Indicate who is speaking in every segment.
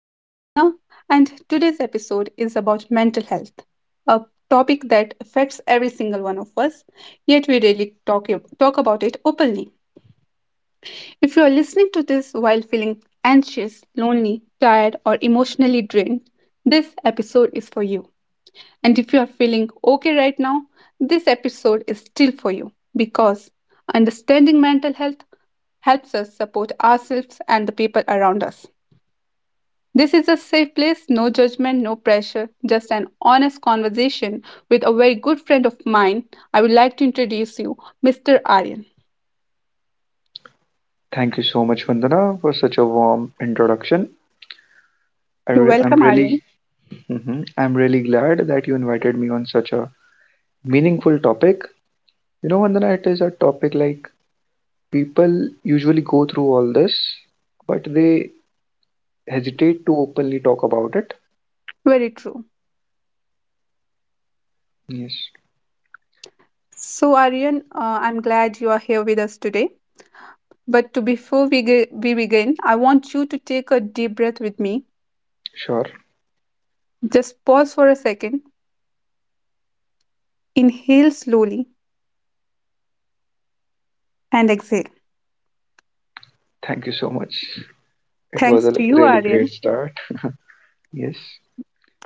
Speaker 1: I am Vadna, and today's episode is about mental health, a topic that affects every single one of us, yet we rarely talk about it openly. If you are listening to this while feeling anxious, lonely, tired, or emotionally drained, this episode is for you. And if you are feeling okay right now, this episode is still for you because understanding mental health helps us support ourselves and the people around us. This is a safe place, no judgment, no pressure, just an honest conversation with a very good friend of mine. I would like to introduce you, Mr. Aryan.
Speaker 2: Thank you so much, Vandana, for such a warm introduction. I
Speaker 1: You're
Speaker 2: re- I'm
Speaker 1: welcome, Aryan.
Speaker 2: really, Mhm. I'm really glad that you invited me on such a meaningful topic. You know, Vandana, it is a topic like people usually go through all this, but they hesitate to openly talk about it.
Speaker 1: Very true.
Speaker 2: Yes,
Speaker 1: So, Aryan, I'm glad you are here with us today. But to before we begin, I want you to take a deep breath with me.
Speaker 2: sure.
Speaker 1: Just pause for a second, inhale slowly, and exhale.
Speaker 2: Thank you so much. It was
Speaker 1: Thanks
Speaker 2: a
Speaker 1: to you,
Speaker 2: really great
Speaker 1: Aryan.
Speaker 2: start. Yes,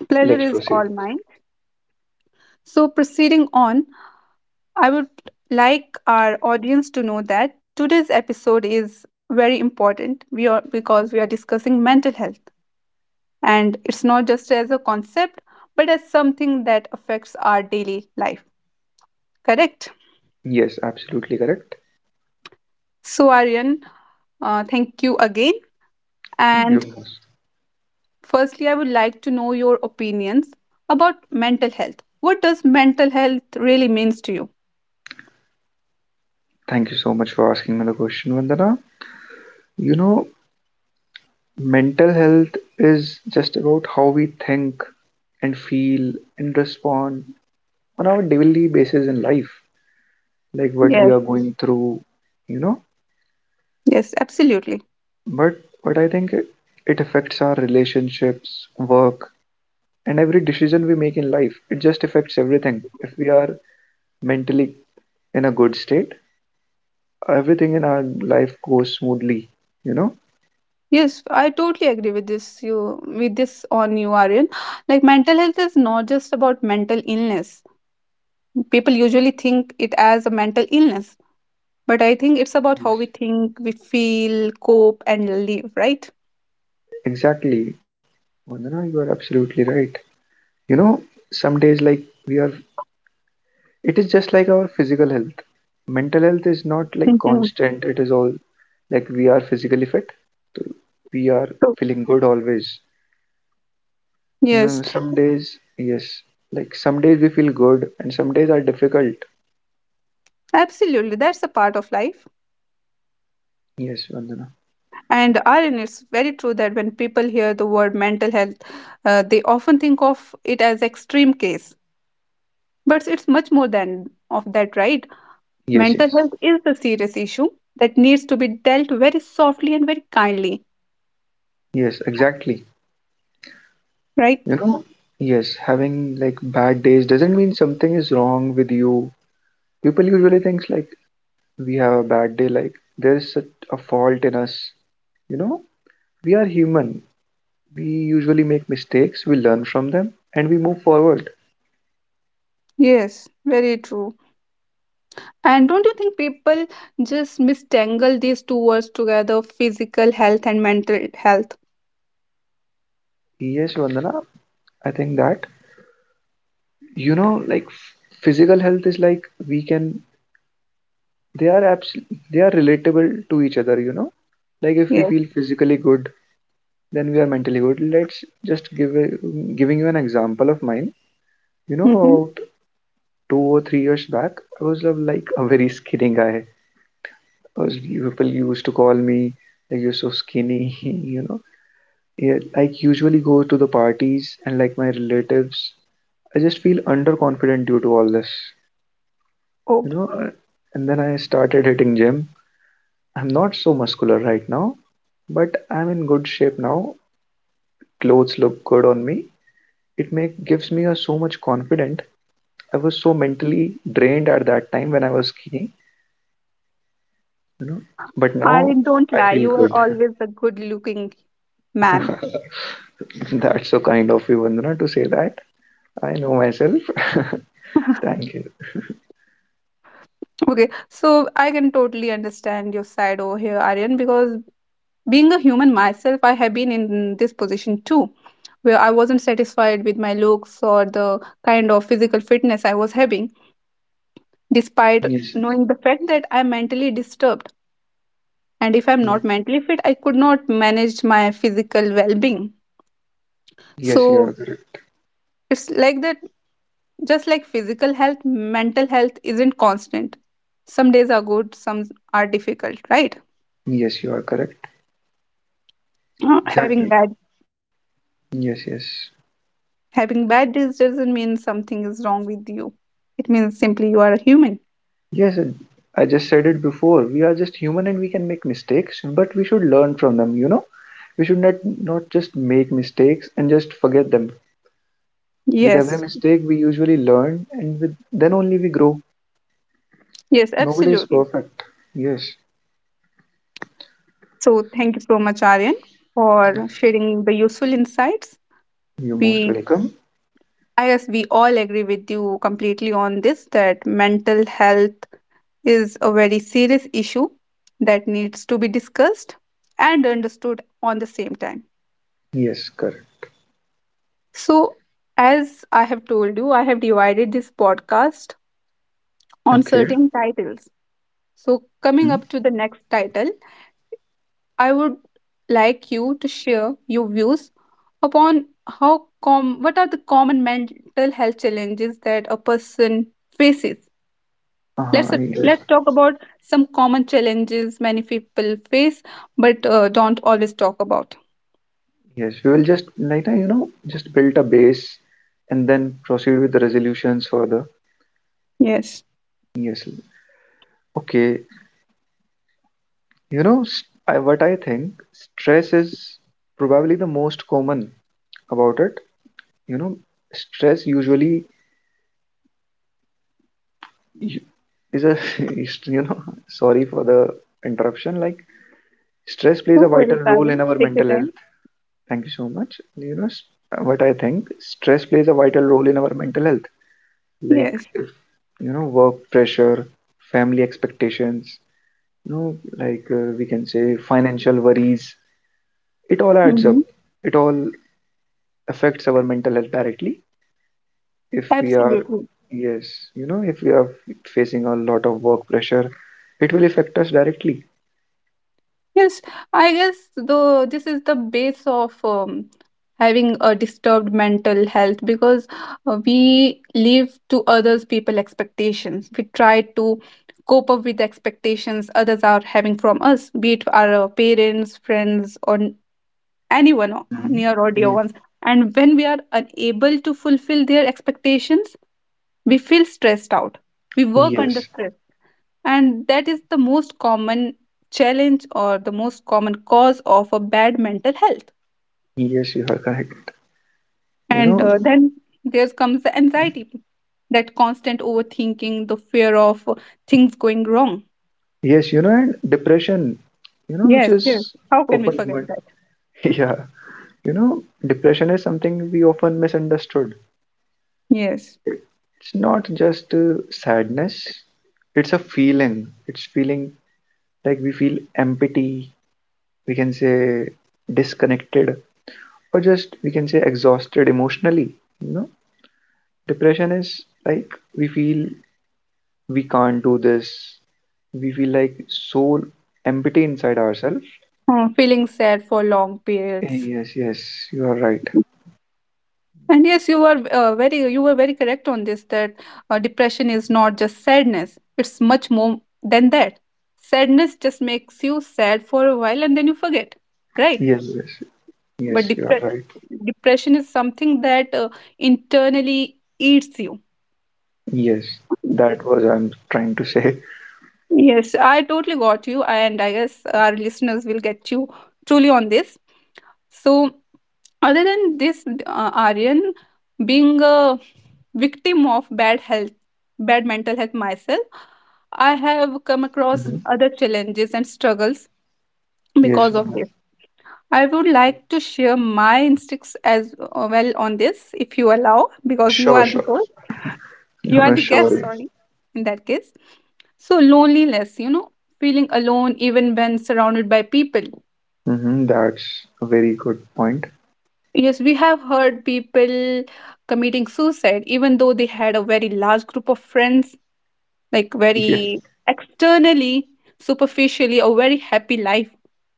Speaker 1: Pleasure
Speaker 2: let's
Speaker 1: is all
Speaker 2: proceed.
Speaker 1: mine. So, proceeding on, I would like our audience to know that today's episode is very important. We are because we are discussing mental health, and it's not just as a concept but as something that affects our daily life. Correct?
Speaker 2: Yes, absolutely correct.
Speaker 1: So Aryan, thank you again.
Speaker 2: You're
Speaker 1: And
Speaker 2: most.
Speaker 1: firstly, I would like to know your opinions about mental health. What does mental health really means to you?
Speaker 2: Thank you so much for asking me the question, Vandana. You know, mental health is just about how we think and feel and respond on our daily basis in life, like what we
Speaker 1: Yes.
Speaker 2: are going through, you know.
Speaker 1: Yes, absolutely.
Speaker 2: But but I think it affects our relationships, work, and every decision we make in life. It just affects everything. If we are mentally in a good state, everything in our life goes smoothly, you know?
Speaker 1: Yes, I totally agree with this on you, Aryan. Like mental health is not just about mental illness. People usually think it as a mental illness, but I think it's about how
Speaker 2: Yes.
Speaker 1: we think, we feel, cope, and live, right?
Speaker 2: Exactly. Vandana, you are absolutely right. You know, some days like we are it is just like our physical health. Mental health is not like
Speaker 1: Mhm.
Speaker 2: constant. It is all like we are physically fit. So we are
Speaker 1: So-
Speaker 2: feeling good always.
Speaker 1: Yes,
Speaker 2: No, some days, yes. Like some days we feel good and some days are difficult.
Speaker 1: absolutely. That's a part of life.
Speaker 2: Yes, Vandana.
Speaker 1: And Aryan, it's very true that when people hear the word mental health, they often think of it as extreme case, but it's much more than of that, right?
Speaker 2: Yes,
Speaker 1: Mental
Speaker 2: yes.
Speaker 1: health is a serious issue that needs to be dealt very softly and very kindly,
Speaker 2: Yes, exactly.
Speaker 1: right?
Speaker 2: You know, yes, having like bad days doesn't mean something is wrong with you. People usually think like we have a bad day, like there is such a fault in us. You know, we are human. We usually make mistakes, we learn from them, and we move forward.
Speaker 1: Yes, very true. And don't you think people just mistangle these two words together, physical health and mental health?
Speaker 2: Yes, Vandana, I think that, you know, like physical health is like we can. They are abs- They are relatable to each other. You know, like if we
Speaker 1: Yes.
Speaker 2: feel physically good, then we are mentally good. Let's just give a, giving you an example of mine. You know,
Speaker 1: Hmm.
Speaker 2: about 2 or 3 years back, I was like a very skinny guy. I was People used to call me like you're so skinny. You know, yeah, like usually go to the parties and like my relatives. I just feel underconfident due to all this, you
Speaker 1: Oh,
Speaker 2: know. uh, And then I started hitting gym. I'm not so muscular right now, but I'm in good shape now. Clothes look good on me. It make gives me a so much confident. I was so mentally drained at that time when I was skinny, you know. But
Speaker 1: I
Speaker 2: now
Speaker 1: don't
Speaker 2: I
Speaker 1: lie.
Speaker 2: feel
Speaker 1: You are
Speaker 2: good.
Speaker 1: always a good looking man.
Speaker 2: That's so kind of you, Vandana, to say that. I know myself. Thank you.
Speaker 1: Okay, so I can totally understand your side over here, Aryan, because being a human myself, I have been in this position too, where I wasn't satisfied with my looks or the kind of physical fitness I was having, despite
Speaker 2: Yes.
Speaker 1: knowing the fact that I'm mentally disturbed. And if I'm not
Speaker 2: Yes,
Speaker 1: mentally fit, I could not manage my physical well being.
Speaker 2: yes, you
Speaker 1: So
Speaker 2: are correct.
Speaker 1: it's like that, just like physical health, mental health isn't constant. Some days are good, some are difficult, right?
Speaker 2: Yes, you are correct.
Speaker 1: Uh, Having
Speaker 2: Exactly.
Speaker 1: bad
Speaker 2: Yes, yes.
Speaker 1: having bad days doesn't mean something is wrong with you. It means simply you are a human.
Speaker 2: Yes, I just said it before. We are just human and we can make mistakes, but we should learn from them, you know? We should not just make mistakes and just forget them. With every
Speaker 1: Yes.
Speaker 2: mistake we usually learn and with then only we grow.
Speaker 1: Yes,
Speaker 2: Nobody is
Speaker 1: absolutely.
Speaker 2: perfect. Yes.
Speaker 1: So thank you so much, Aryan, for sharing the useful insights.
Speaker 2: You're most
Speaker 1: We,
Speaker 2: welcome.
Speaker 1: I guess, we all agree with you completely on this that mental health is a very serious issue that needs to be discussed and understood on the same time.
Speaker 2: Yes, correct.
Speaker 1: So, as I have told you, I have divided this podcast on
Speaker 2: Okay.
Speaker 1: certain titles. So, coming
Speaker 2: Hmm.
Speaker 1: up to the next title, I would like you to share your views upon how com what are the common mental health challenges that a person faces. Let's
Speaker 2: Uh-huh, yes.
Speaker 1: let's talk about some common challenges many people face but don't always talk about.
Speaker 2: Yes, we will just like that, just build a base and then proceed with the resolutions further.
Speaker 1: Yes.
Speaker 2: Yes. Okay. You know, what I think, stress is probably the most common about it. You know, stress usually u- is a, is, you know, sorry for the interruption. Like, stress plays
Speaker 1: No
Speaker 2: a
Speaker 1: worries,
Speaker 2: vital role
Speaker 1: Pavan.
Speaker 2: in our
Speaker 1: Take your
Speaker 2: mental
Speaker 1: time.
Speaker 2: health. Thank you so much. You know, what I think, stress plays a vital role in our mental health. Like,
Speaker 1: Yes.
Speaker 2: you know, work pressure, family expectations, you know, like we can say financial worries. It all adds up.
Speaker 1: Hmm.
Speaker 2: It all affects our mental health directly if we are,
Speaker 1: Absolutely.
Speaker 2: yes, you know if we are facing a lot of work pressure. It will affect us directly.
Speaker 1: Yes, I guess though this is the base of having a disturbed mental health because we live to others people expectations. We try to cope up with the expectations others are having from us, be it our parents, friends, or anyone
Speaker 2: Mhm.
Speaker 1: near or dear ones. And when we are unable to fulfill their expectations, we feel stressed out. We
Speaker 2: Ye-
Speaker 1: work under
Speaker 2: yes
Speaker 1: stress, and that is the most common challenge or the most common cause of a bad mental health.
Speaker 2: yes you are correct. You
Speaker 1: And
Speaker 2: know,
Speaker 1: then there comes the anxiety, that constant overthinking, the fear of things going wrong.
Speaker 2: yes, and depression, which
Speaker 1: Yes,
Speaker 2: is
Speaker 1: yes, how can we
Speaker 2: open,
Speaker 1: forget
Speaker 2: but
Speaker 1: that.
Speaker 2: yeah, you know depression is something we often misunderstood.
Speaker 1: Yes.
Speaker 2: It's not just sadness. It's a feeling. It's feeling Like we feel empty, we can say disconnected, or just, we can say, exhausted emotionally. You know, depression is, like, we feel we can't do this. We feel like so empty inside ourselves.
Speaker 1: Feeling sad for long periods.
Speaker 2: Yes, yes, you are right.
Speaker 1: And yes, you were very you were very correct on this, that depression is not just sadness, it's much more than that. Sadness just makes you sad for a while and then you forget, right?
Speaker 2: Yes, yes, yes,
Speaker 1: But
Speaker 2: you are right.
Speaker 1: depression is something that internally eats you.
Speaker 2: Yes, that was I'm trying to say.
Speaker 1: Yes, I totally got you, and I guess our listeners will get you truly on this. So, other than this, Aryan, being a victim of bad mental health myself, I have come
Speaker 2: hmm
Speaker 1: across other challenges and struggles
Speaker 2: yes,
Speaker 1: because of
Speaker 2: Vandana.
Speaker 1: this. I would like to share my instincts as well on this, if you allow, because you
Speaker 2: Sure,
Speaker 1: are the
Speaker 2: sure.
Speaker 1: host. You
Speaker 2: No,
Speaker 1: are
Speaker 2: no,
Speaker 1: the guest,
Speaker 2: sure.
Speaker 1: sorry. In that case, so loneliness, you know, feeling alone even when surrounded by people.
Speaker 2: Mm-hmm, that's a very good point.
Speaker 1: Yes, we have heard people committing suicide even though they had a very large group of friends, like very
Speaker 2: Yes,
Speaker 1: externally, superficially a very happy life,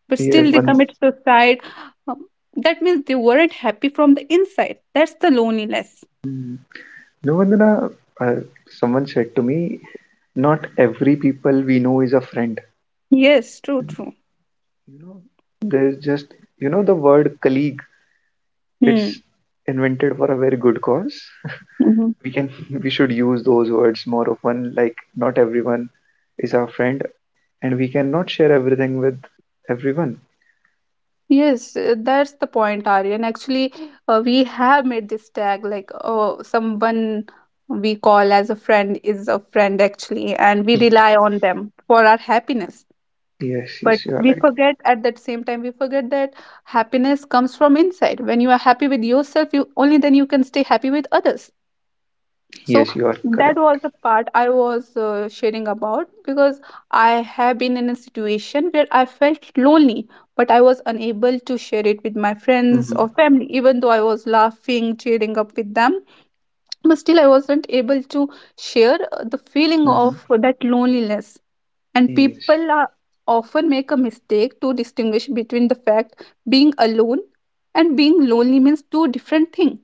Speaker 1: but
Speaker 2: yeah,
Speaker 1: still they
Speaker 2: one.
Speaker 1: commit suicide. Um, that means they weren't happy from the inside, that's the loneliness.
Speaker 2: mm. No, Vandana, uh, someone said to me not every people we know is a friend
Speaker 1: Yes, true, true.
Speaker 2: you know there's just, the word colleague, it's
Speaker 1: Hmm.
Speaker 2: invented for a very good cause.
Speaker 1: Mm-hmm.
Speaker 2: We can We should use those words more often, like not everyone is our friend, and we cannot share everything with everyone.
Speaker 1: Yes, that's the point, Aryan. Actually, we have made this tag like oh, someone we call as a friend is a friend, actually, and we rely on them for our happiness.
Speaker 2: Yes,
Speaker 1: But
Speaker 2: yes, you are
Speaker 1: we
Speaker 2: right.
Speaker 1: forget at that same time, we forget that happiness comes from inside. When you are happy with yourself, you only then you can stay happy with others. So
Speaker 2: Yes, you are
Speaker 1: that
Speaker 2: correct.
Speaker 1: was the part I was sharing about, because I have been in a situation where I felt lonely, but I was unable to share it with my friends
Speaker 2: Mm-hmm.
Speaker 1: or family, even though I was laughing, cheering up with them, but still I wasn't able to share the feeling
Speaker 2: Mm-hmm.
Speaker 1: of that loneliness. And
Speaker 2: Yes,
Speaker 1: people often make a mistake to distinguish between the fact, being alone and being lonely means two different things.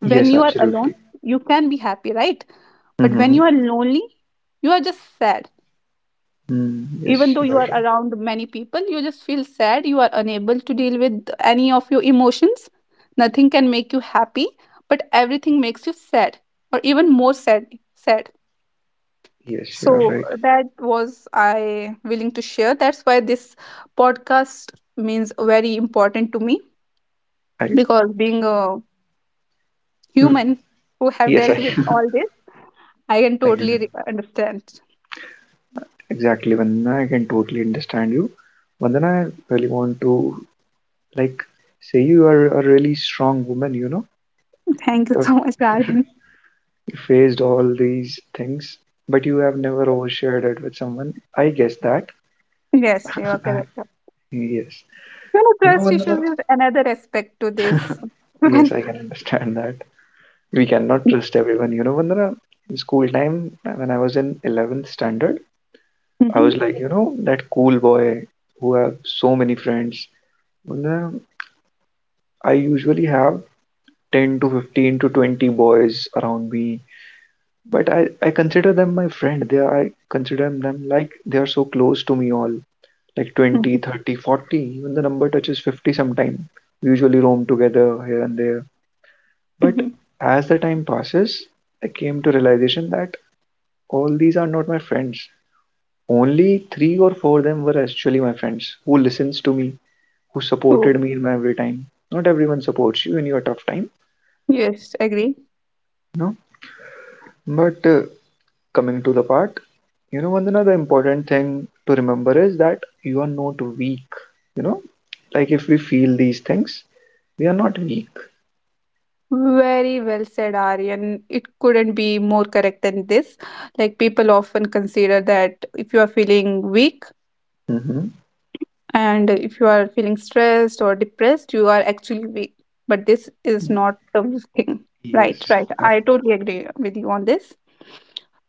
Speaker 1: When
Speaker 2: yes,
Speaker 1: you are
Speaker 2: absolutely.
Speaker 1: alone, you can be happy, right? But when
Speaker 2: Mm-hmm.
Speaker 1: you are lonely, you are just sad.
Speaker 2: Yes,
Speaker 1: Even though
Speaker 2: you
Speaker 1: you
Speaker 2: are
Speaker 1: are
Speaker 2: right.
Speaker 1: around many people, you just feel sad. You are unable to deal with any of your emotions. Nothing can make you happy, but everything makes you sad or even more sad. Sad.
Speaker 2: Yes, you are
Speaker 1: So
Speaker 2: right.
Speaker 1: that was I willing to share. That's why this podcast means very important to me,
Speaker 2: I.
Speaker 1: because being a
Speaker 2: mm,
Speaker 1: human who have
Speaker 2: yes, I,
Speaker 1: dealt with all this, I can
Speaker 2: I
Speaker 1: totally understand.
Speaker 2: exactly, Vandana. I can totally understand you. Vandana, I really want to, like, say you are a really strong woman, you know.
Speaker 1: Thank you so
Speaker 2: You've
Speaker 1: much, Ryan.
Speaker 2: faced all these things, but you have never overshared it with someone. I guess that.
Speaker 1: Yes, you are correct.
Speaker 2: Yes.
Speaker 1: You know,
Speaker 2: You know,
Speaker 1: trust issues
Speaker 2: Vandana?
Speaker 1: is another aspect to this.
Speaker 2: Yes,
Speaker 1: When-
Speaker 2: I can understand that. We cannot trust everyone. You know, Vandana, in school time, when I was in 11th standard, I
Speaker 1: Mhm,
Speaker 2: was like, you know, that cool boy who have so many friends. Vandana, I usually have 10 to 15 to 20 boys around me, but I consider them my friend. They are, I consider them like they are so close to me all, like 20,
Speaker 1: mhm,
Speaker 2: 30, 40, even the number touches 50 sometime. We usually roam together here and there,
Speaker 1: mhm.
Speaker 2: but as the time passes, I came to realization that all these are not my friends. Only three or four of them were actually my friends, who listens to me, who
Speaker 1: Oh,
Speaker 2: supported me in my every time. Not everyone supports you in your tough time.
Speaker 1: yes, agree.
Speaker 2: No, but coming to the part, you know, Vandana, the important thing to remember is that you are not weak. You know, like if we feel these things, we are not weak.
Speaker 1: Very well said, Aryan. It couldn't be more correct than this. Like, people often consider that if you are feeling weak,
Speaker 2: Hmm.
Speaker 1: and if you are feeling stressed or depressed, you are actually weak, but this is not the thing, right?
Speaker 2: Yes.
Speaker 1: Right,
Speaker 2: Uh,
Speaker 1: I totally agree with you on this.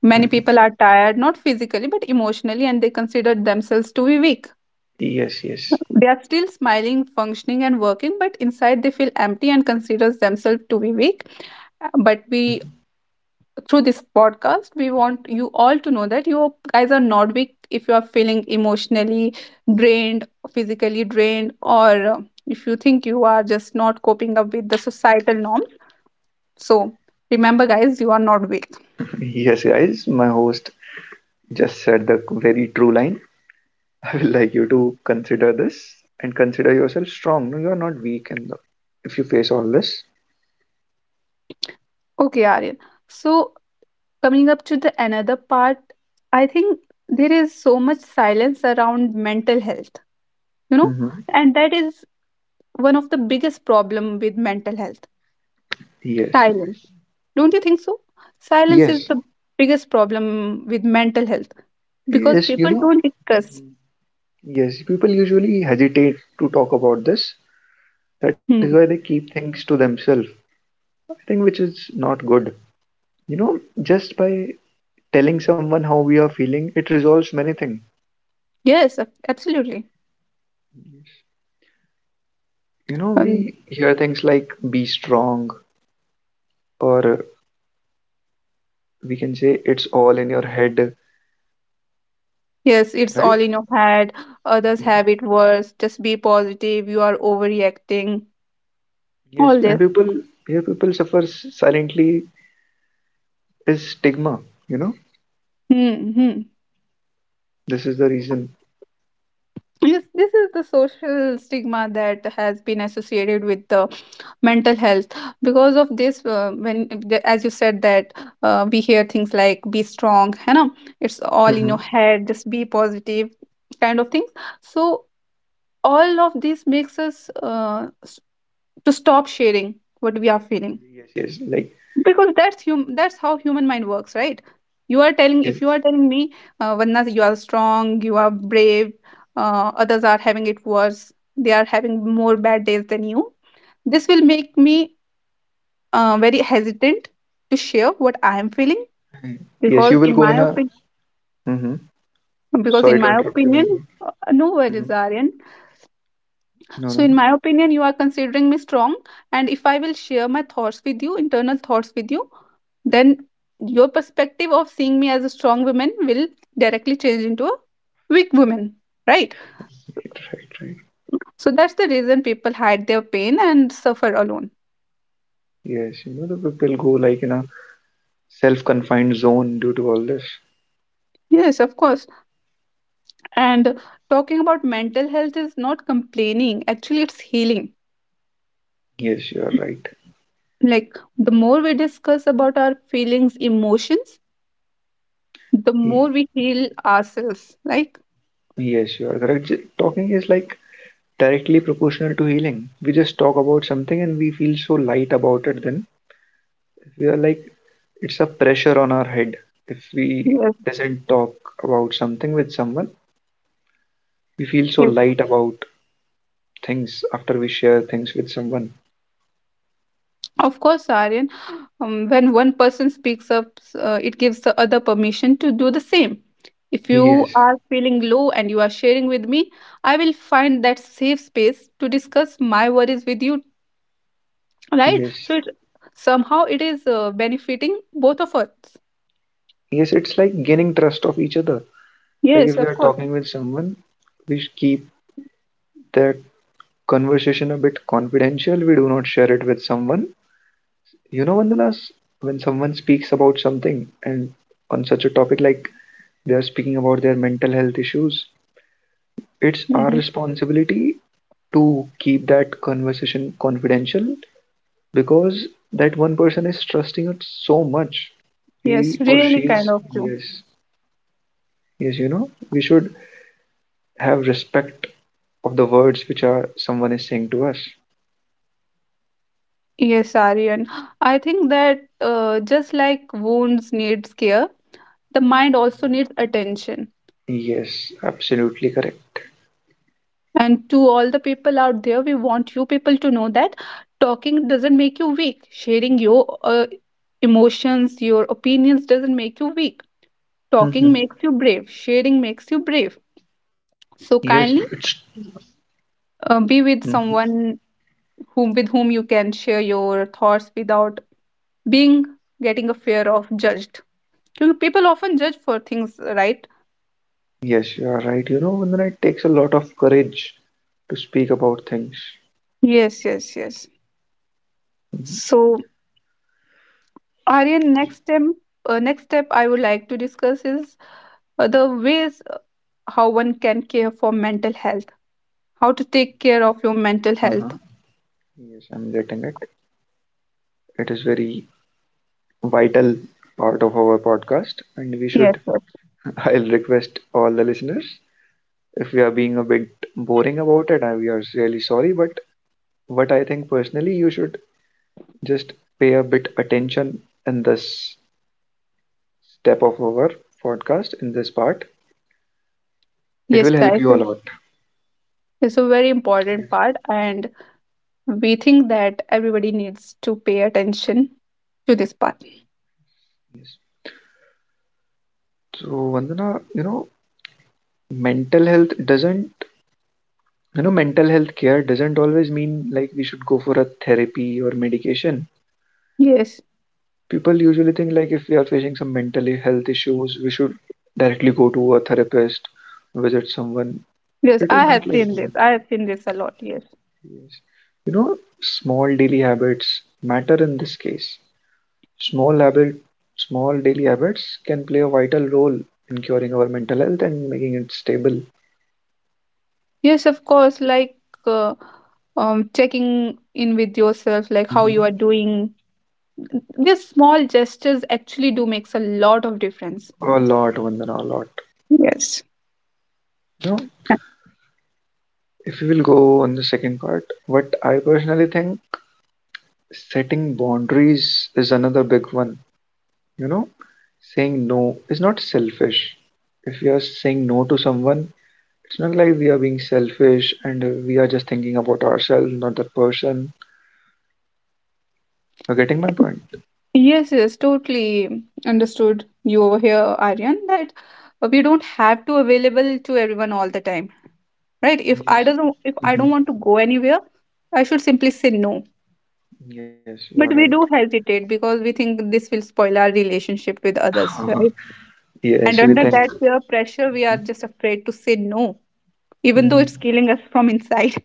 Speaker 1: Many people
Speaker 2: mhm.
Speaker 1: are tired, not physically but emotionally, and they consider themselves to be weak.
Speaker 2: Yes, yes.
Speaker 1: They are still smiling, functioning and working, but inside they feel empty and considers themselves to be weak. But we, through this podcast, we want you all to know that you guys are not weak. If you are feeling emotionally drained, physically drained, or uh, if you think you are just not coping up with the societal norms, so remember guys, you are not weak.
Speaker 2: Yes, guys, my host just said the very true line. I will like you to consider this and consider yourself strong. No, you are not weak if you face all this.
Speaker 1: Okay, Aryan, so coming up to the another part, I think there is so much silence around mental health, you know,
Speaker 2: Hmm.
Speaker 1: and that is one of the biggest problem with mental health,
Speaker 2: Yes.
Speaker 1: silence. Don't you think so? Silence is
Speaker 2: Yes.
Speaker 1: the biggest problem with mental health because
Speaker 2: Yes, you
Speaker 1: people
Speaker 2: know.
Speaker 1: don't discuss.
Speaker 2: Mhm. Yes, people usually hesitate to talk about this. That is why they
Speaker 1: Hmm.
Speaker 2: keep things to themselves. I think which is not good. You know, just by telling someone how we are feeling, it resolves many things.
Speaker 1: Yes, absolutely.
Speaker 2: You know,
Speaker 1: And
Speaker 2: we hear things like be strong, or we can say it's all in your head,
Speaker 1: yes, it's all
Speaker 2: right?
Speaker 1: in your head. Others have it worse. Just be positive. You are overreacting. All
Speaker 2: Yes, and
Speaker 1: this.
Speaker 2: people here people suffer silently is stigma. You know,
Speaker 1: Hmm. Hmm.
Speaker 2: this is the reason.
Speaker 1: Yes, this is the social stigma that has been associated with the mental health because of this when as you said that we hear things like be strong, you know, it's all in your
Speaker 2: Mm-hmm.
Speaker 1: head, just be positive kind of things. So all of this makes us to stop sharing what we are feeling,
Speaker 2: Yes, yes, like,
Speaker 1: because that's how human mind works, right? You are telling if you
Speaker 2: yes,
Speaker 1: are telling me, Vanna, you are strong, you are brave, others are having it worse, they are having more bad days than you, this will make me very hesitant to share what I am feeling.
Speaker 2: yes,
Speaker 1: Because
Speaker 2: you will
Speaker 1: in
Speaker 2: go
Speaker 1: my
Speaker 2: in a.
Speaker 1: opinion
Speaker 2: Mm-hmm.
Speaker 1: because
Speaker 2: Sorry
Speaker 1: in
Speaker 2: to
Speaker 1: my
Speaker 2: interrupt
Speaker 1: opinion
Speaker 2: you.
Speaker 1: no
Speaker 2: Mm-hmm.
Speaker 1: worries, Aryan.
Speaker 2: No,
Speaker 1: So
Speaker 2: no,
Speaker 1: in my opinion, you are considering me strong, and if I will share my thoughts with you, internal thoughts with you, then your perspective of seeing me as a strong woman will directly change into a weak woman, right?
Speaker 2: right, right. Right.
Speaker 1: So that's the reason people hide their pain and suffer alone.
Speaker 2: Yes, you know, the people go like in a self-confined zone due to all this.
Speaker 1: Yes, of course. And talking about mental health is not complaining, actually it's healing.
Speaker 2: Yes, you are right.
Speaker 1: Like, the more we discuss about our feelings, emotions, the
Speaker 2: Ye-
Speaker 1: more we heal ourselves. Like,
Speaker 2: Yes, you are correct. Talking is like directly proportional to healing. We just talk about something and we feel so light about it then. We are like, it's a pressure on our head. If we
Speaker 1: yes,
Speaker 2: doesn't talk about something with someone, we feel so
Speaker 1: yes.
Speaker 2: light about things after we share things with someone.
Speaker 1: Of course, Aryan, when one person speaks up, it gives the other permission to do the same. If you
Speaker 2: Yes,
Speaker 1: are feeling low and you are sharing with me, I will find that safe space to discuss my worries with you, right? So
Speaker 2: yes,
Speaker 1: it somehow it is benefiting both of us.
Speaker 2: yes, it's like gaining trust of each other. Like
Speaker 1: Yes,
Speaker 2: if we
Speaker 1: of
Speaker 2: are
Speaker 1: course.
Speaker 2: talking with someone, we keep that conversation a bit confidential. We do not share it with someone. You know, Vandalas, when someone speaks about something and on such a topic like they are speaking about their mental health issues, it's our
Speaker 1: Hmm.
Speaker 2: responsibility to keep that conversation confidential because that one person is trusting us so much.
Speaker 1: Yes,
Speaker 2: He or
Speaker 1: really kind
Speaker 2: she's,
Speaker 1: of you.
Speaker 2: yes, yes, you know, we should have respect of the words which are someone is saying to us.
Speaker 1: Yes, Aryan. I think that just like wounds needs care, the mind also needs attention.
Speaker 2: Yes, absolutely correct.
Speaker 1: And to all the people out there, we want you people to know that talking doesn't make you weak. Sharing your emotions, your opinions doesn't make you weak. Talking
Speaker 2: hmm
Speaker 1: makes you brave. Sharing makes you brave.
Speaker 2: Yes,
Speaker 1: So
Speaker 2: it's
Speaker 1: kindly be with
Speaker 2: mhm,
Speaker 1: someone whom with whom you can share your thoughts without being getting a fear of judged. People often judge for things, right?
Speaker 2: yes, you are right. You know, Vandana, it takes a lot of courage to speak about things.
Speaker 1: Yes, yes, yes. So, Aryan, next step I would like to discuss is the ways, how one can care for mental health, how to take care of your mental
Speaker 2: Uh-huh.
Speaker 1: health.
Speaker 2: Yes, I'm getting it. It is very vital part of our podcast, and we
Speaker 1: Yes,
Speaker 2: should.
Speaker 1: yes,
Speaker 2: I'll request all the listeners if we are being a bit boring about it. We are really sorry, but what I think personally, you should just pay a bit attention in this step of our podcast, in this part. It
Speaker 1: yes,
Speaker 2: will help
Speaker 1: guys.
Speaker 2: you a lot.
Speaker 1: It's a very important part, and we think that everybody needs to pay attention to this part.
Speaker 2: Yes. So Vandana, you know, mental health doesn't mental health care doesn't always mean like we should go for a therapy or medication.
Speaker 1: Yes,
Speaker 2: People usually think like if we are facing some mental health issues, we should directly go to a therapist, visit someone.
Speaker 1: yes,
Speaker 2: It is
Speaker 1: I
Speaker 2: not
Speaker 1: have
Speaker 2: like
Speaker 1: seen this.
Speaker 2: that.
Speaker 1: I have seen this a lot. Yes,
Speaker 2: Yes. You know, small daily habits matter in this case. small habit Small daily habits can play a vital role in curing our mental health and making it stable.
Speaker 1: yes, of course. Like, uh, checking in with yourself, like how you
Speaker 2: Mhm.
Speaker 1: are doing. These small gestures actually do makes a lot of difference.
Speaker 2: A lot, Vandana, a lot.
Speaker 1: Yes.
Speaker 2: No, if we will go on the second part, what I personally think, setting boundaries is another big one, you know. Saying no is not selfish. If we are saying no to someone, it's not like we are being selfish and we are just thinking about ourselves, not that person. You're getting my point?
Speaker 1: Yes, yes, totally understood you over here, Aryan, that we don't have to available to everyone all the time, right?
Speaker 2: Yes.
Speaker 1: If I
Speaker 2: Hmm.
Speaker 1: don't want to go anywhere, I should simply say no.
Speaker 2: Yes, you are
Speaker 1: But
Speaker 2: right.
Speaker 1: we do hesitate because we think this will spoil our relationship with others,
Speaker 2: Uh-huh.
Speaker 1: right? And
Speaker 2: Yes, we
Speaker 1: under
Speaker 2: think.
Speaker 1: that peer pressure, we are
Speaker 2: Hmm.
Speaker 1: just afraid to say no, even though it's killing us from inside.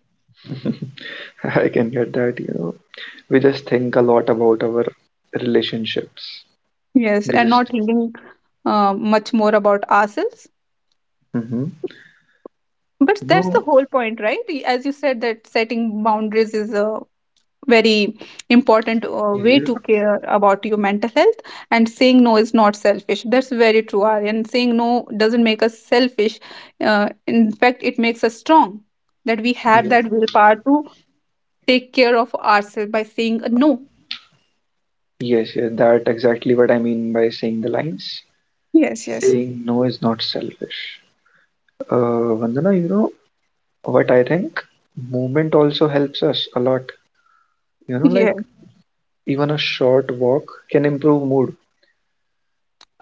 Speaker 2: I can get that, you know. We just think a lot about our relationships.
Speaker 1: Yes,
Speaker 2: we
Speaker 1: and not
Speaker 2: just
Speaker 1: thinking much more about ourselves.
Speaker 2: Hmm.
Speaker 1: But
Speaker 2: You
Speaker 1: that's the
Speaker 2: know.
Speaker 1: whole point, right? As you said, that setting boundaries is a very important
Speaker 2: Yeah,
Speaker 1: way
Speaker 2: yeah.
Speaker 1: to care about your mental health. And saying no is not selfish. That's very true, Aryan. Saying no doesn't make us selfish. In fact, it makes us strong. That we have
Speaker 2: Yes,
Speaker 1: that willpower to take care of ourselves by saying a no.
Speaker 2: yes, yes, that exactly what I mean by saying the lines.
Speaker 1: Yes, yes.
Speaker 2: Saying no is not selfish. Vandana, you know what I think? Movement also helps us a lot. You know,
Speaker 1: Yeah,
Speaker 2: like even a short walk can improve mood.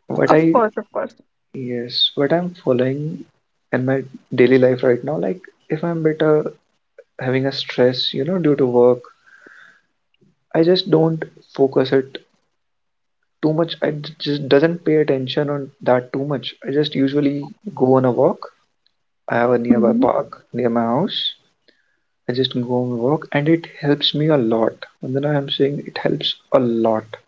Speaker 2: What
Speaker 1: of
Speaker 2: I,
Speaker 1: course, of course.
Speaker 2: yes, what I'm following in my daily life right now, like if I'm better having a stress, you know, due to work, I just don't focus it too much. Just doesn't pay attention on that too much. I just usually go on a walk. I have a nearby park near my house. I just go on a walk and it helps me a lot, and then I am saying it helps a lot.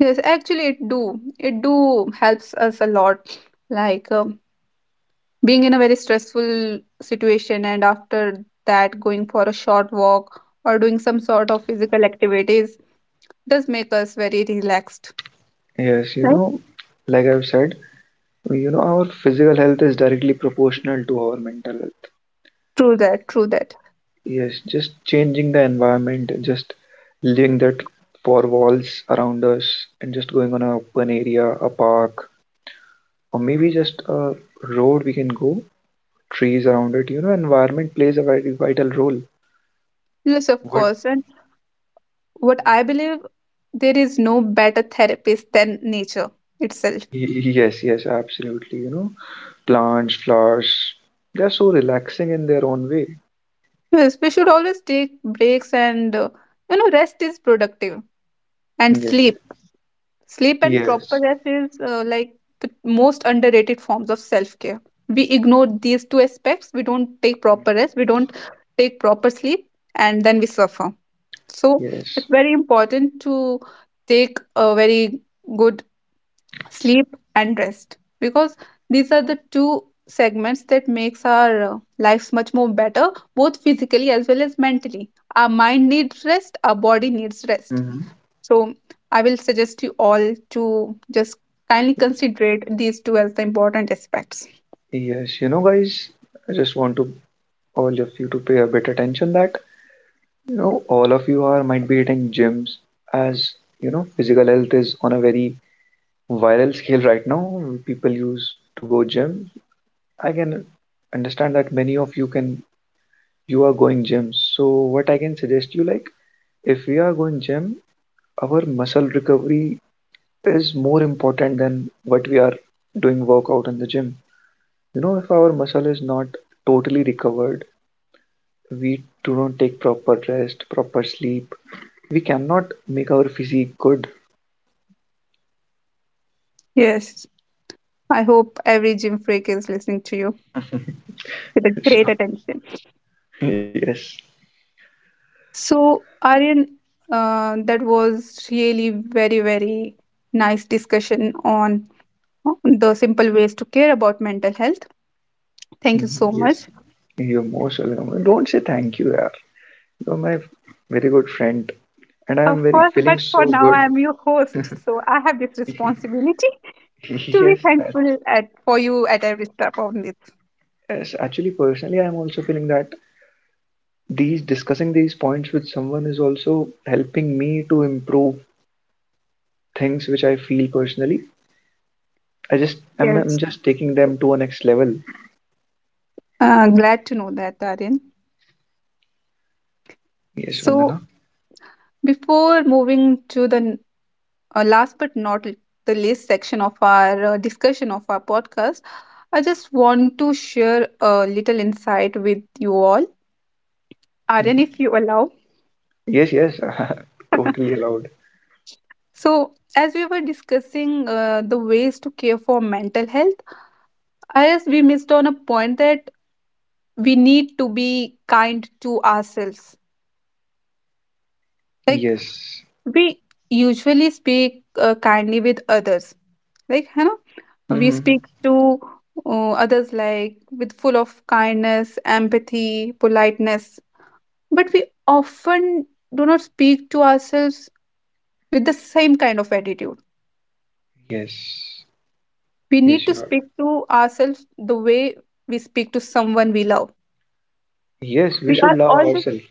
Speaker 1: Yes, actually, it do. It do helps us a lot. Like, being in a very stressful situation, and after that, going for a short walk or doing some sort of physical activities does make us very relaxed.
Speaker 2: Yes, you
Speaker 1: Right?
Speaker 2: know, like I've said, you know, our physical health is directly proportional to our mental health.
Speaker 1: True that. True that.
Speaker 2: Yes, just changing the environment, just leaving that four walls around us and just going on a open area, a park, or maybe just a road we can go, trees around it. You know, environment plays a very vital role.
Speaker 1: Yes, of
Speaker 2: What?
Speaker 1: course. And what I believe, there is no better therapist than nature itself.
Speaker 2: Yes, yes, absolutely. You know, plants, flowers, they're so relaxing in their own way.
Speaker 1: Yes, we should always take breaks, and rest is productive, and
Speaker 2: Yes,
Speaker 1: sleep. Sleep and proper
Speaker 2: yes,
Speaker 1: rest is, like, the most underrated forms of self care. We ignore these two aspects. We don't take proper rest, we don't take proper sleep, and then we suffer. So, it's
Speaker 2: yes.
Speaker 1: very important to take a very good sleep and rest, because these are the two segments that makes our lives much more better, both physically as well as mentally. Our mind needs rest, our body needs rest.
Speaker 2: Hmm.
Speaker 1: So I will suggest you all to just kindly consider these two as the important aspects.
Speaker 2: Yes, you know, guys, I just want to all of you to pay a bit attention that, you know, all of you are might be hitting gyms, as you know, physical health is on a very viral scale right now. People use to go gym. I can understand that many of you can, you are going gym. So what I can suggest you, like, if we are going gym, our muscle recovery is more important than what we are doing workout in the gym. You know, if our muscle is not totally recovered, we do not take proper rest, proper sleep, we cannot make our physique good.
Speaker 1: Yes, I hope every gym freak is listening to you with a great attention.
Speaker 2: Yes.
Speaker 1: So Aryan, that was really very nice discussion on the simple ways to care about mental health. Thank you
Speaker 2: Mhm.
Speaker 1: so
Speaker 2: Yes,
Speaker 1: much.
Speaker 2: you're most welcome. Don't say thank you, yaar. You're my very good friend, and I am
Speaker 1: Of
Speaker 2: very
Speaker 1: course,
Speaker 2: feeling
Speaker 1: but for
Speaker 2: so
Speaker 1: now
Speaker 2: good.
Speaker 1: I am your host, so I have this responsibility to be
Speaker 2: Yes.
Speaker 1: thankful at for you at every step on this.
Speaker 2: Yes, actually, personally, I'm also feeling that these discussing these points with someone is also helping me to improve things which I feel personally. I'm
Speaker 1: Yes.
Speaker 2: just taking them to a next level.
Speaker 1: Glad to know that, Aryan.
Speaker 2: Yes,
Speaker 1: So,
Speaker 2: Vandana.
Speaker 1: before moving to last but not the least section of our discussion of our podcast, I just want to share a little insight with you all. Aryan,
Speaker 2: Mhm.
Speaker 1: if you allow.
Speaker 2: Yes, yes, totally allowed.
Speaker 1: So, as we were discussing the ways to care for mental health, I guess we missed on a point that we need to be kind to ourselves. Like,
Speaker 2: Yes.
Speaker 1: we usually speak kindly with others, like, you know, we speak
Speaker 2: Mm-hmm.
Speaker 1: to others like with full of kindness, empathy, politeness, but we often do not speak to ourselves with the same kind of attitude.
Speaker 2: Yes.
Speaker 1: We need
Speaker 2: Yes,
Speaker 1: to
Speaker 2: you are.
Speaker 1: speak to ourselves the way we speak to someone we love.
Speaker 2: Yes, we
Speaker 1: We
Speaker 2: should
Speaker 1: are
Speaker 2: love
Speaker 1: always—
Speaker 2: ourselves.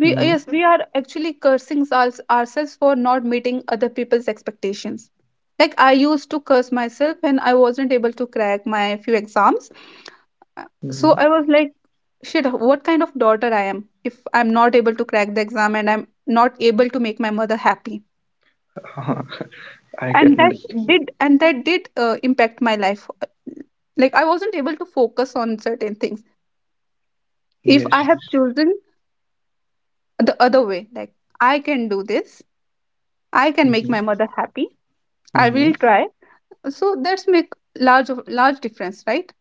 Speaker 1: We
Speaker 2: Mm-hmm.
Speaker 1: yes, we are actually cursing ourselves for not meeting other people's expectations. Like I used to curse myself when I wasn't able to crack my few exams. Uh, So
Speaker 2: Mm-hmm.
Speaker 1: I was like, shit, what kind of daughter I am if I'm not able to crack the exam and I'm not able to make my mother happy.
Speaker 2: I can
Speaker 1: And that
Speaker 2: understand.
Speaker 1: and that did impact my life. Like I wasn't able to focus on certain things. If I
Speaker 2: Yes,
Speaker 1: have
Speaker 2: yes.
Speaker 1: chosen the other way, like, I can do this, I can make my
Speaker 2: Mm-hmm.
Speaker 1: mother happy, I
Speaker 2: Mm-hmm.
Speaker 1: will try. So that's make large of large difference, right?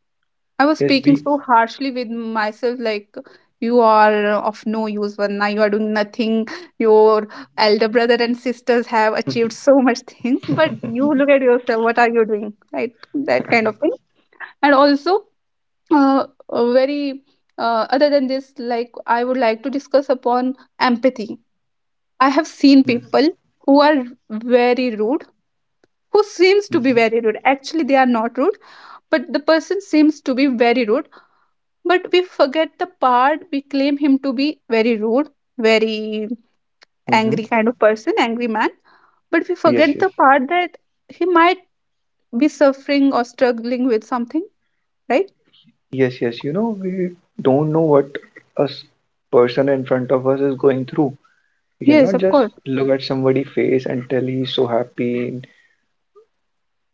Speaker 1: I was
Speaker 2: Yes,
Speaker 1: speaking
Speaker 2: be.
Speaker 1: so harshly with myself, like, you are of no use, Vanna. You are doing nothing. Your elder brother and sisters have achieved so much things, but you look at yourself. What are you doing, right? That kind of thing. And also, a very other than this, like, I would like to discuss upon empathy. I have seen people
Speaker 2: Mm-hmm.
Speaker 1: who are very rude, who seems to be very
Speaker 2: Mm-hmm.
Speaker 1: rude. Actually, they are not rude, but the person seems to be very rude. But we forget the part, we claim him to be very rude, very
Speaker 2: Mm-hmm.
Speaker 1: angry kind of person, angry man. But we
Speaker 2: Yes,
Speaker 1: forget
Speaker 2: yes.
Speaker 1: the part that he might be suffering or struggling with something, right?
Speaker 2: Yes, yes. You know, we don't know what a s- person in front of us is going through. We
Speaker 1: Yes,
Speaker 2: cannot
Speaker 1: of
Speaker 2: just
Speaker 1: course.
Speaker 2: look at somebody's face and tell he's so happy.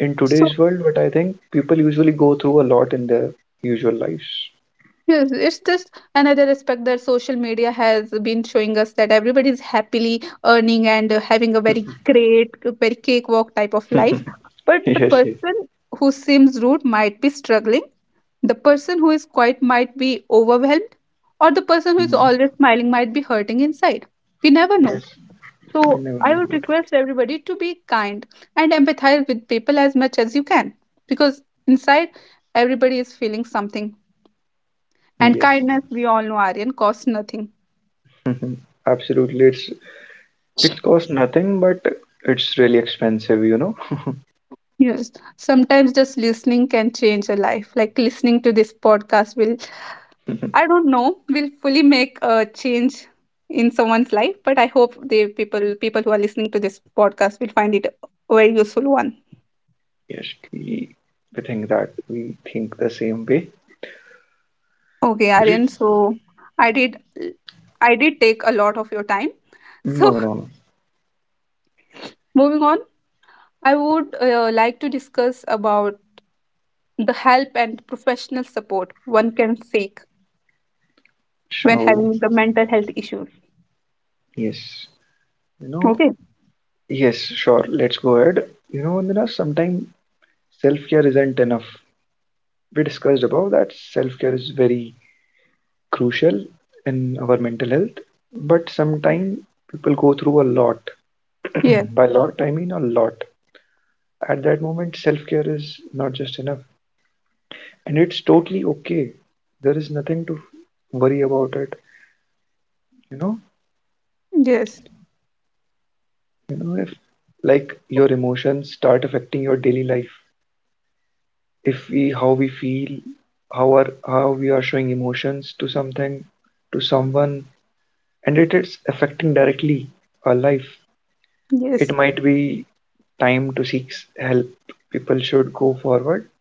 Speaker 2: In
Speaker 1: So.
Speaker 2: today's world, but I think people usually go through a lot in their usual lives.
Speaker 1: Yes, it's just another aspect that social media has been showing us that everybody is happily earning and, having a very great, a very cakewalk type of life. But
Speaker 2: Yes,
Speaker 1: the
Speaker 2: yes.
Speaker 1: person who seems rude might be struggling. The person who is quiet might be overwhelmed, or the person who is
Speaker 2: Mhm.
Speaker 1: always smiling might be hurting inside. We never know.
Speaker 2: Yes, we
Speaker 1: So
Speaker 2: never
Speaker 1: I
Speaker 2: know
Speaker 1: would
Speaker 2: what.
Speaker 1: request everybody to be kind and empathize with people as much as you can, because inside everybody is feeling something, and
Speaker 2: Yes,
Speaker 1: kindness, we all know, Aryan, costs nothing.
Speaker 2: mhm, absolutely. It's cost nothing, but it's really expensive, you know.
Speaker 1: Yes. Sometimes just listening can change a life. Like listening to this podcast will, I don't know, will fully make a change in someone's life. But I hope the people who are listening to this podcast will find it a very useful one.
Speaker 2: Yes, we think that we think the same way.
Speaker 1: Okay, Aryan. So I did I did take a lot of your time. So
Speaker 2: No, no, no.
Speaker 1: moving on, I would like to discuss about the help and professional support one can seek when
Speaker 2: So
Speaker 1: having the mental health issues.
Speaker 2: yes, you know,
Speaker 1: Okay.
Speaker 2: yes, sure. Let's go ahead. You know, Vandana, sometimes self-care isn't enough. We discussed above that self-care is very crucial in our mental health, but sometimes people go through a lot.
Speaker 1: Yeah.
Speaker 2: By lot, I mean a lot. At that moment, self-care is not just enough, and it's totally okay. There is nothing to worry about it. You know,
Speaker 1: Yes.
Speaker 2: you know, if like your emotions start affecting your daily life, if we how we feel, how are how we are showing emotions to something, to someone, and it is affecting directly our life,
Speaker 1: Yes.
Speaker 2: it might be time to seek help. People should go forward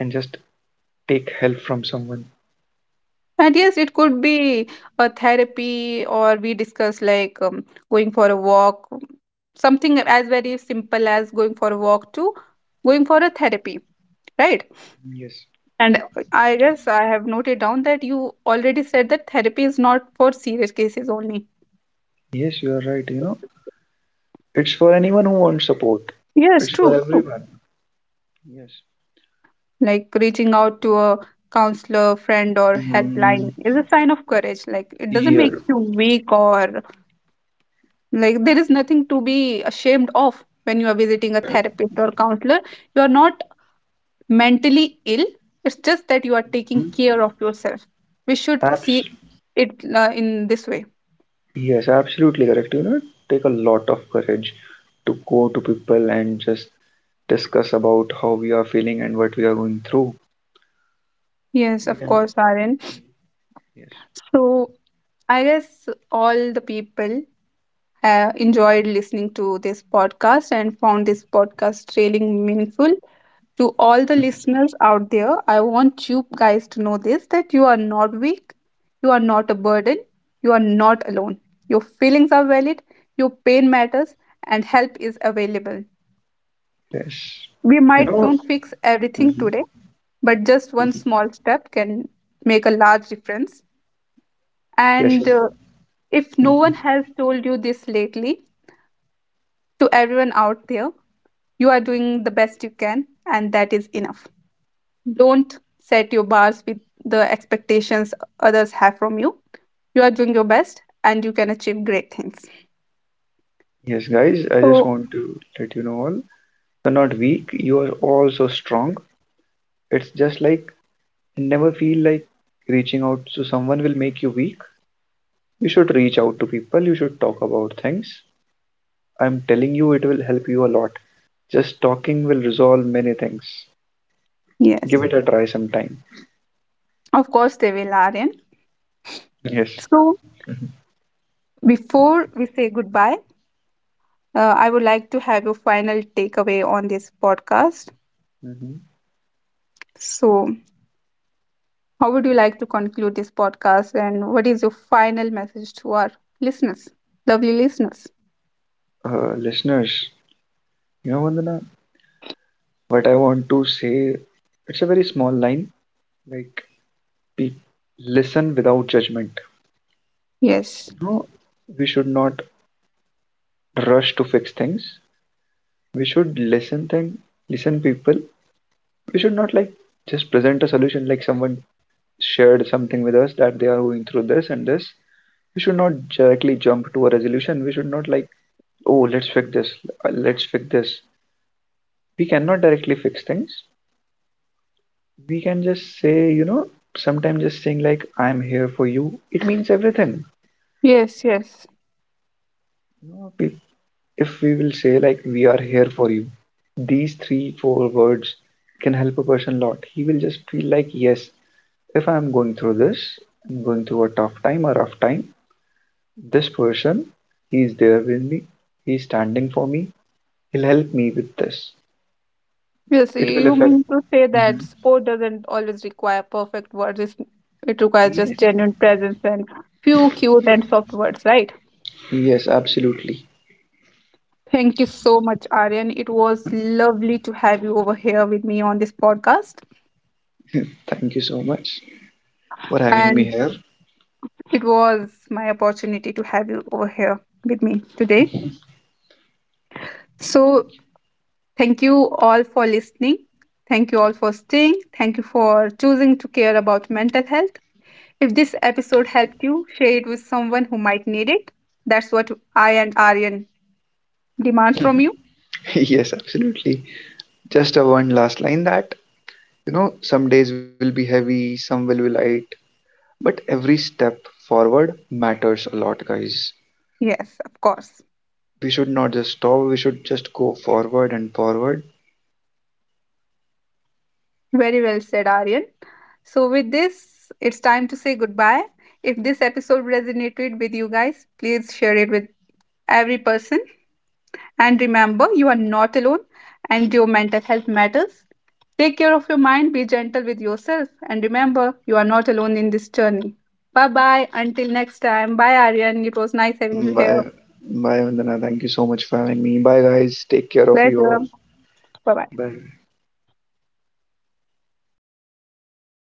Speaker 2: and just take help from someone.
Speaker 1: And yes, it could be a therapy, or we discuss like, going for a walk, something as very simple as going for a walk to going for a therapy, right?
Speaker 2: Yes,
Speaker 1: And I guess I have noted down that you already said that therapy is not for serious cases only.
Speaker 2: yes, you are right. You know, it's for anyone who wants support.
Speaker 1: Yes,
Speaker 2: It's for
Speaker 1: true, true.
Speaker 2: everyone. Yes.
Speaker 1: Like reaching out to a counselor, friend, or
Speaker 2: Mm,
Speaker 1: helpline is a sign of courage. Like it doesn't make
Speaker 2: here.
Speaker 1: you weak or— Like there is nothing to be ashamed of when you are visiting a therapist or counselor. You are not mentally ill. It's just that you are taking
Speaker 2: Hmm?
Speaker 1: care of yourself. We should see it in this way.
Speaker 2: Yes, absolutely correct. You know, it take a lot of courage to go to people and just discuss about how we are feeling and what we are going through.
Speaker 1: Yes,
Speaker 2: We
Speaker 1: of
Speaker 2: can,
Speaker 1: course, Aaron.
Speaker 2: yes,
Speaker 1: So I guess all the people have enjoyed listening to this podcast and found this podcast really meaningful. To all the listeners out there, I want you guys to know this, that you are not weak, you are not a burden, you are not alone. Your feelings are valid, your pain matters, and help is available.
Speaker 2: yes.
Speaker 1: We
Speaker 2: You
Speaker 1: might
Speaker 2: know.
Speaker 1: don't fix everything
Speaker 2: Hmm.
Speaker 1: today, but just one small step can make a large difference.
Speaker 2: Yes,
Speaker 1: And if no one
Speaker 2: mhm.
Speaker 1: has told you this lately, to everyone out there, you are doing the best you can, and that is enough. Don't set your bars with the expectations others have from you. You are doing your best and you can achieve great things.
Speaker 2: Yes, guys, I just
Speaker 1: So,
Speaker 2: want to let you know all you're not weak. You are all so strong. It's just like never feel like reaching out to someone will make you weak. You should reach out to people. You should talk about things. I'm telling you, it will help you a lot. Just talking will resolve many things. Give
Speaker 1: yes,
Speaker 2: it a try sometime.
Speaker 1: of course, they will, Aryan.
Speaker 2: Yes.
Speaker 1: So, before we say goodbye, I would like to have your final takeaway on this podcast.
Speaker 2: Hmm.
Speaker 1: So, how would you like to conclude this podcast and what is your final message to our listeners, lovely listeners?
Speaker 2: Listeners, you know, Vandana, what I want to say, it's a very small line. Like, pe- listen without judgment.
Speaker 1: Yes,
Speaker 2: No, we should not rush to fix things. We should listen thing, listen people. We should not like just present a solution, like someone shared something with us that they are going through this and this, we should not directly jump to a resolution. We should not like, oh, let's fix this, let's fix this. We cannot directly fix things. We can just say, you know, sometimes just saying like, I'm here for you, it means everything.
Speaker 1: yes, yes.
Speaker 2: You know, if we will say like, we are here for you, these three, four words can help a person a lot. He will just feel like, yes, if I'm going through this, I'm going through a tough time, a rough time, this person, he is there with me, he is standing for me, he'll help me with this.
Speaker 1: Yes,
Speaker 2: It will
Speaker 1: you mean
Speaker 2: affect.
Speaker 1: to say that
Speaker 2: Mhm.
Speaker 1: sport doesn't always require perfect words. It's, it requires just
Speaker 2: Yes.
Speaker 1: genuine presence and few cute and soft words, right?
Speaker 2: Yes, absolutely.
Speaker 1: Thank you so much, Aryan. It was lovely to have you over here with me on this podcast.
Speaker 2: Thank you so much for having me
Speaker 1: And
Speaker 2: here.
Speaker 1: it was my opportunity to have you over here with me today. So, thank you all for listening. Thank you all for staying. Thank you for choosing to care about mental health. If this episode helped you, share it with someone who might need it. That's what I and Aryan demand from you.
Speaker 2: Yes, absolutely. Just a one last line that, you know, some days will be heavy, some will be light, but every step forward matters a lot, guys.
Speaker 1: Yes, of course.
Speaker 2: We should not just stop, we should just go forward and forward.
Speaker 1: Very well said, Aryan. So, with this, it's time to say goodbye. If this episode resonated with you guys, please share it with every person. And remember, you are not alone and your mental health matters. Take care of your mind, be gentle with yourself, and remember, you are not alone in this journey. Bye bye. Until next time. Bye, Aryan. It was nice having you here.
Speaker 2: Bye, bye, Vandana. Thank you so much for having me. Bye, guys. Take care of
Speaker 1: 莱
Speaker 2: you
Speaker 1: 泽
Speaker 2: all.
Speaker 1: 拜拜。
Speaker 2: Bye.